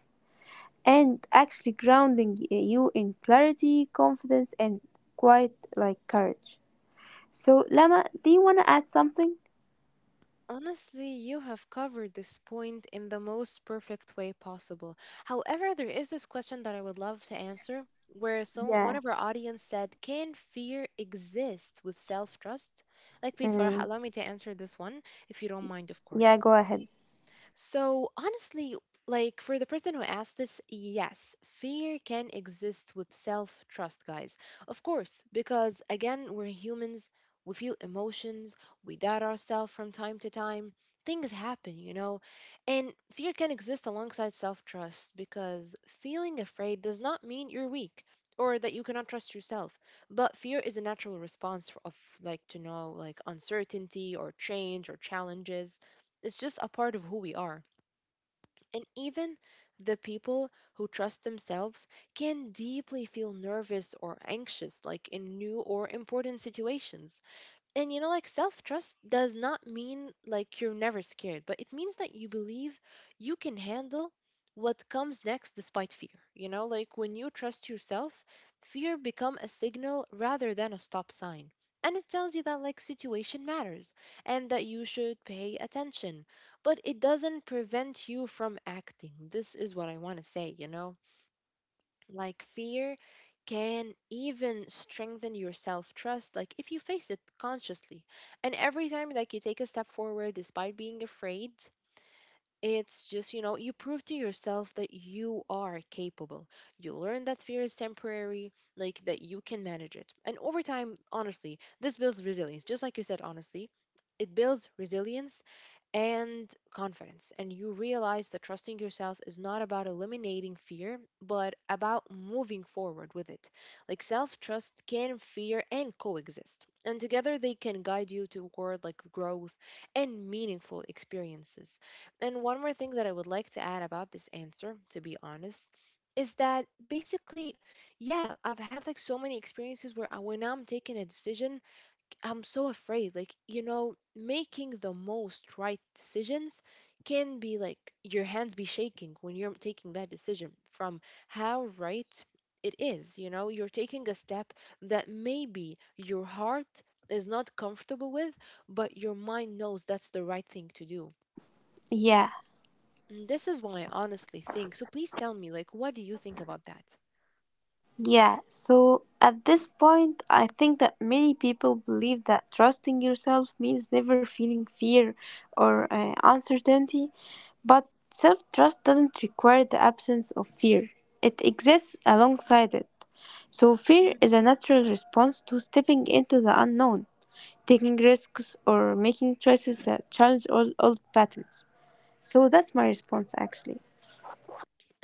[SPEAKER 2] and actually grounding y- you in clarity, confidence, and quite like courage. So, Lama, do you want to add something?
[SPEAKER 1] Honestly, you have covered this point in the most perfect way possible. However, there is this question that I would love to answer where some one
[SPEAKER 2] Yeah.
[SPEAKER 1] of our audience said, "Can fear exist with self-trust?" Like, please, Farah,
[SPEAKER 2] Mm.
[SPEAKER 1] allow me to answer this one if you don't mind, of
[SPEAKER 2] Yeah,
[SPEAKER 1] course.
[SPEAKER 2] go ahead.
[SPEAKER 1] So, honestly, like for the person who asked this, yes, fear can exist with self trust, guys. Of course, because again, we're humans, we feel emotions, we doubt ourselves from time to time. Things happen, you know, and fear can exist alongside self trust because feeling afraid does not mean you're weak or that you cannot trust yourself. But fear is a natural response f- of like to know like uncertainty or change or challenges. It's just a part of who we are. And even the people who trust themselves can deeply feel nervous or anxious, like in new or important situations. And you know, like self trust does not mean like you're never scared, but it means that you believe you can handle what comes next despite fear. You know, like when you trust yourself, fear become a signal rather than a stop sign. And it tells you that like situation matters and that you should pay attention, but it doesn't prevent you from acting. This is what I want to say, you know? Like fear can even strengthen your self-trust, like if you face it consciously, and every time like you take a step forward despite being afraid, it's just you know you prove to yourself that you are capable. You learn that fear is temporary, like that you can manage it, and over time, honestly, this builds resilience. Just like you said, honestly, it builds resilience and confidence. And you realize that trusting yourself is not about eliminating fear, but about moving forward with it. Like self trust can fear and coexist. And together they can guide you toward like growth and meaningful experiences. And one more thing that I would like to add about this answer, to be honest, is that basically, yeah, I've had like so many experiences where I, when I'm taking a decision, I'm so afraid, like, you know, making the most right decisions can be like your hands be shaking when you're taking that decision from how right it is. You know, you're taking a step that maybe your heart is not comfortable with, but your mind knows that's the right thing to do.
[SPEAKER 2] Yeah.
[SPEAKER 1] And this is what I honestly think. So please tell me, like, what do you think about that?
[SPEAKER 2] Yeah, so at this point, I think that many people believe that trusting yourself means never feeling fear or uh, uncertainty, but self trust doesn't require the absence of fear, it exists alongside it. So fear is a natural response to stepping into the unknown, taking risks, or making choices that challenge all old patterns. So that's my response actually.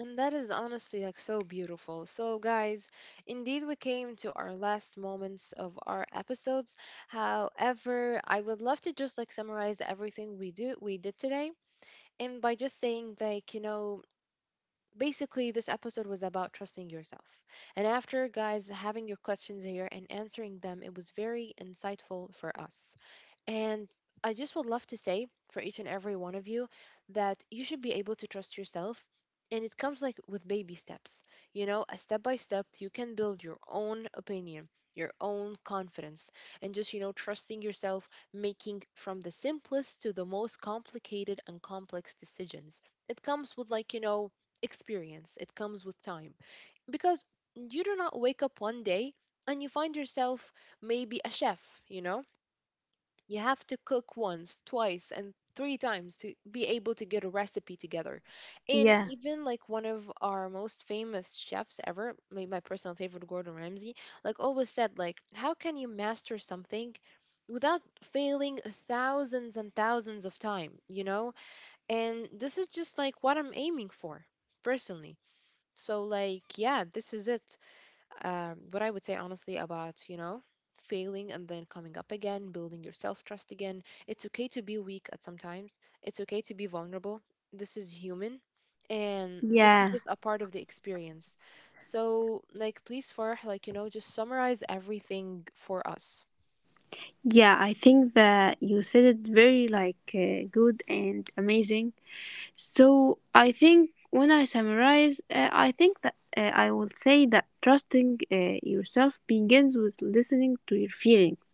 [SPEAKER 1] And that is honestly like so beautiful. So, guys, indeed, we came to our last moments of our episodes. However, I would love to just like summarize everything we do we did today, and by just saying like, you know, basically this episode was about trusting yourself. And after, guys, having your questions here and answering them, it was very insightful for us. And I just would love to say for each and every one of you that you should be able to trust yourself. And it comes like with baby steps. You know, a step by step, you can build your own opinion, your own confidence, and just, you know, trusting yourself, making from the simplest to the most complicated and complex decisions. It comes with, like, you know, experience. It comes with time. Because you do not wake up one day and you find yourself maybe a chef, you know? You have to cook once, twice, and three times to be able to get a recipe together. And
[SPEAKER 2] Yeah,
[SPEAKER 1] even like one of our most famous chefs ever, my, my personal favorite, Gordon Ramsay, like always said, like, how can you master something without failing thousands and thousands of time, you know? And this is just like what I'm aiming for personally. So like, yeah, this is it. Um, what I would say honestly about, you know, failing and then coming up again, building your self trust again. It's okay to be weak at sometimes. It's okay to be vulnerable. This is human. And this is
[SPEAKER 2] yeah.
[SPEAKER 1] just a part of the experience. So, like, please, Farah, like, you know, just summarize everything for us.
[SPEAKER 2] Yeah, I think that you said it very like uh, good and amazing. So I think when I summarize, uh, I think that uh, I will say that trusting uh, yourself begins with listening to your feelings.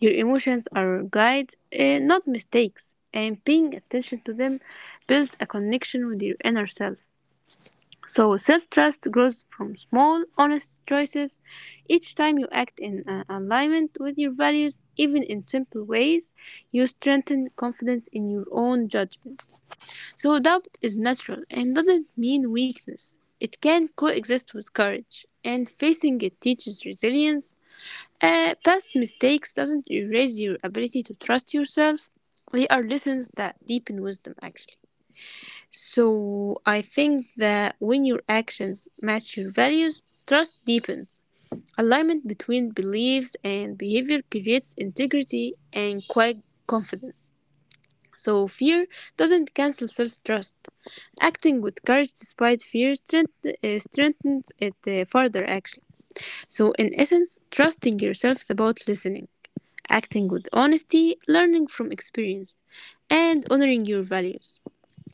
[SPEAKER 2] Your emotions are guides, uh, not mistakes, and paying attention to them builds a connection with your inner self. So self trust grows from small, honest choices. Each time you act in uh, alignment with your values, even in simple ways, you strengthen confidence in your own judgment. So doubt is natural and doesn't mean weakness. It can coexist with courage, and facing it teaches resilience. Uh, past mistakes doesn't erase your ability to trust yourself. They are lessons that deepen wisdom, actually. So I think that when your actions match your values, trust deepens. Alignment between beliefs and behavior creates integrity and quiet confidence. So fear doesn't cancel self-trust. Acting with courage despite fear strength, uh, strengthens it uh, further actually. So in essence, trusting yourself is about listening, acting with honesty, learning from experience, and honoring your values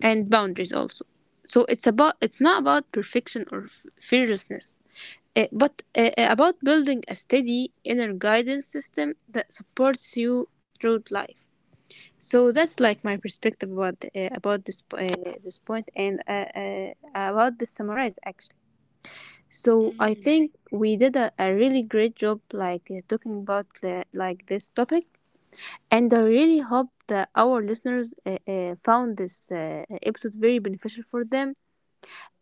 [SPEAKER 2] and boundaries also. So it's about, it's not about perfection or f- fearlessness, eh, but eh, eh, about building a steady inner guidance system that supports you through life. So that's like my perspective about uh, about this uh, this point, and uh, uh, about this summarize actually. So I
[SPEAKER 1] Mm-hmm.
[SPEAKER 2] think we did a, a really great job like uh, talking about the, like this topic, and I really hope that our listeners uh, uh, found this uh, episode very beneficial for them,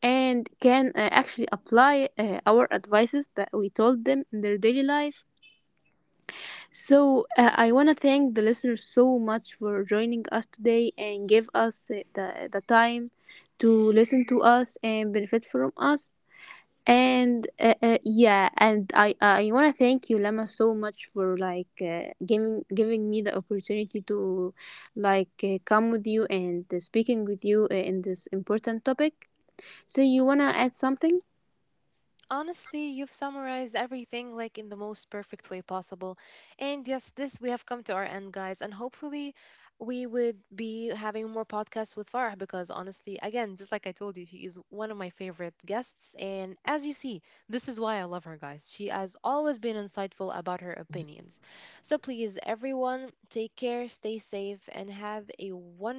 [SPEAKER 2] and can uh, actually apply uh, our advices that we told them in their daily life. So uh, I want to thank the listeners so much for joining us today and give us uh, the, the time to listen to us and benefit from us. And uh, uh, yeah, and I I want to thank you, Lama, so much for like uh, giving giving me the opportunity to like uh, come with you and uh, speaking with you uh, in this important topic. So you wanna add something?
[SPEAKER 1] Honestly, you've summarized everything like in the most perfect way possible. And yes, this, we have come to our end, guys. And hopefully, we would be having more podcasts with Farah, because honestly, again, just like I told you, she is one of my favorite guests. And as you see, this is why I love her, guys. She has always been insightful about her opinions. So please, everyone, take care, stay safe, and have a wonderful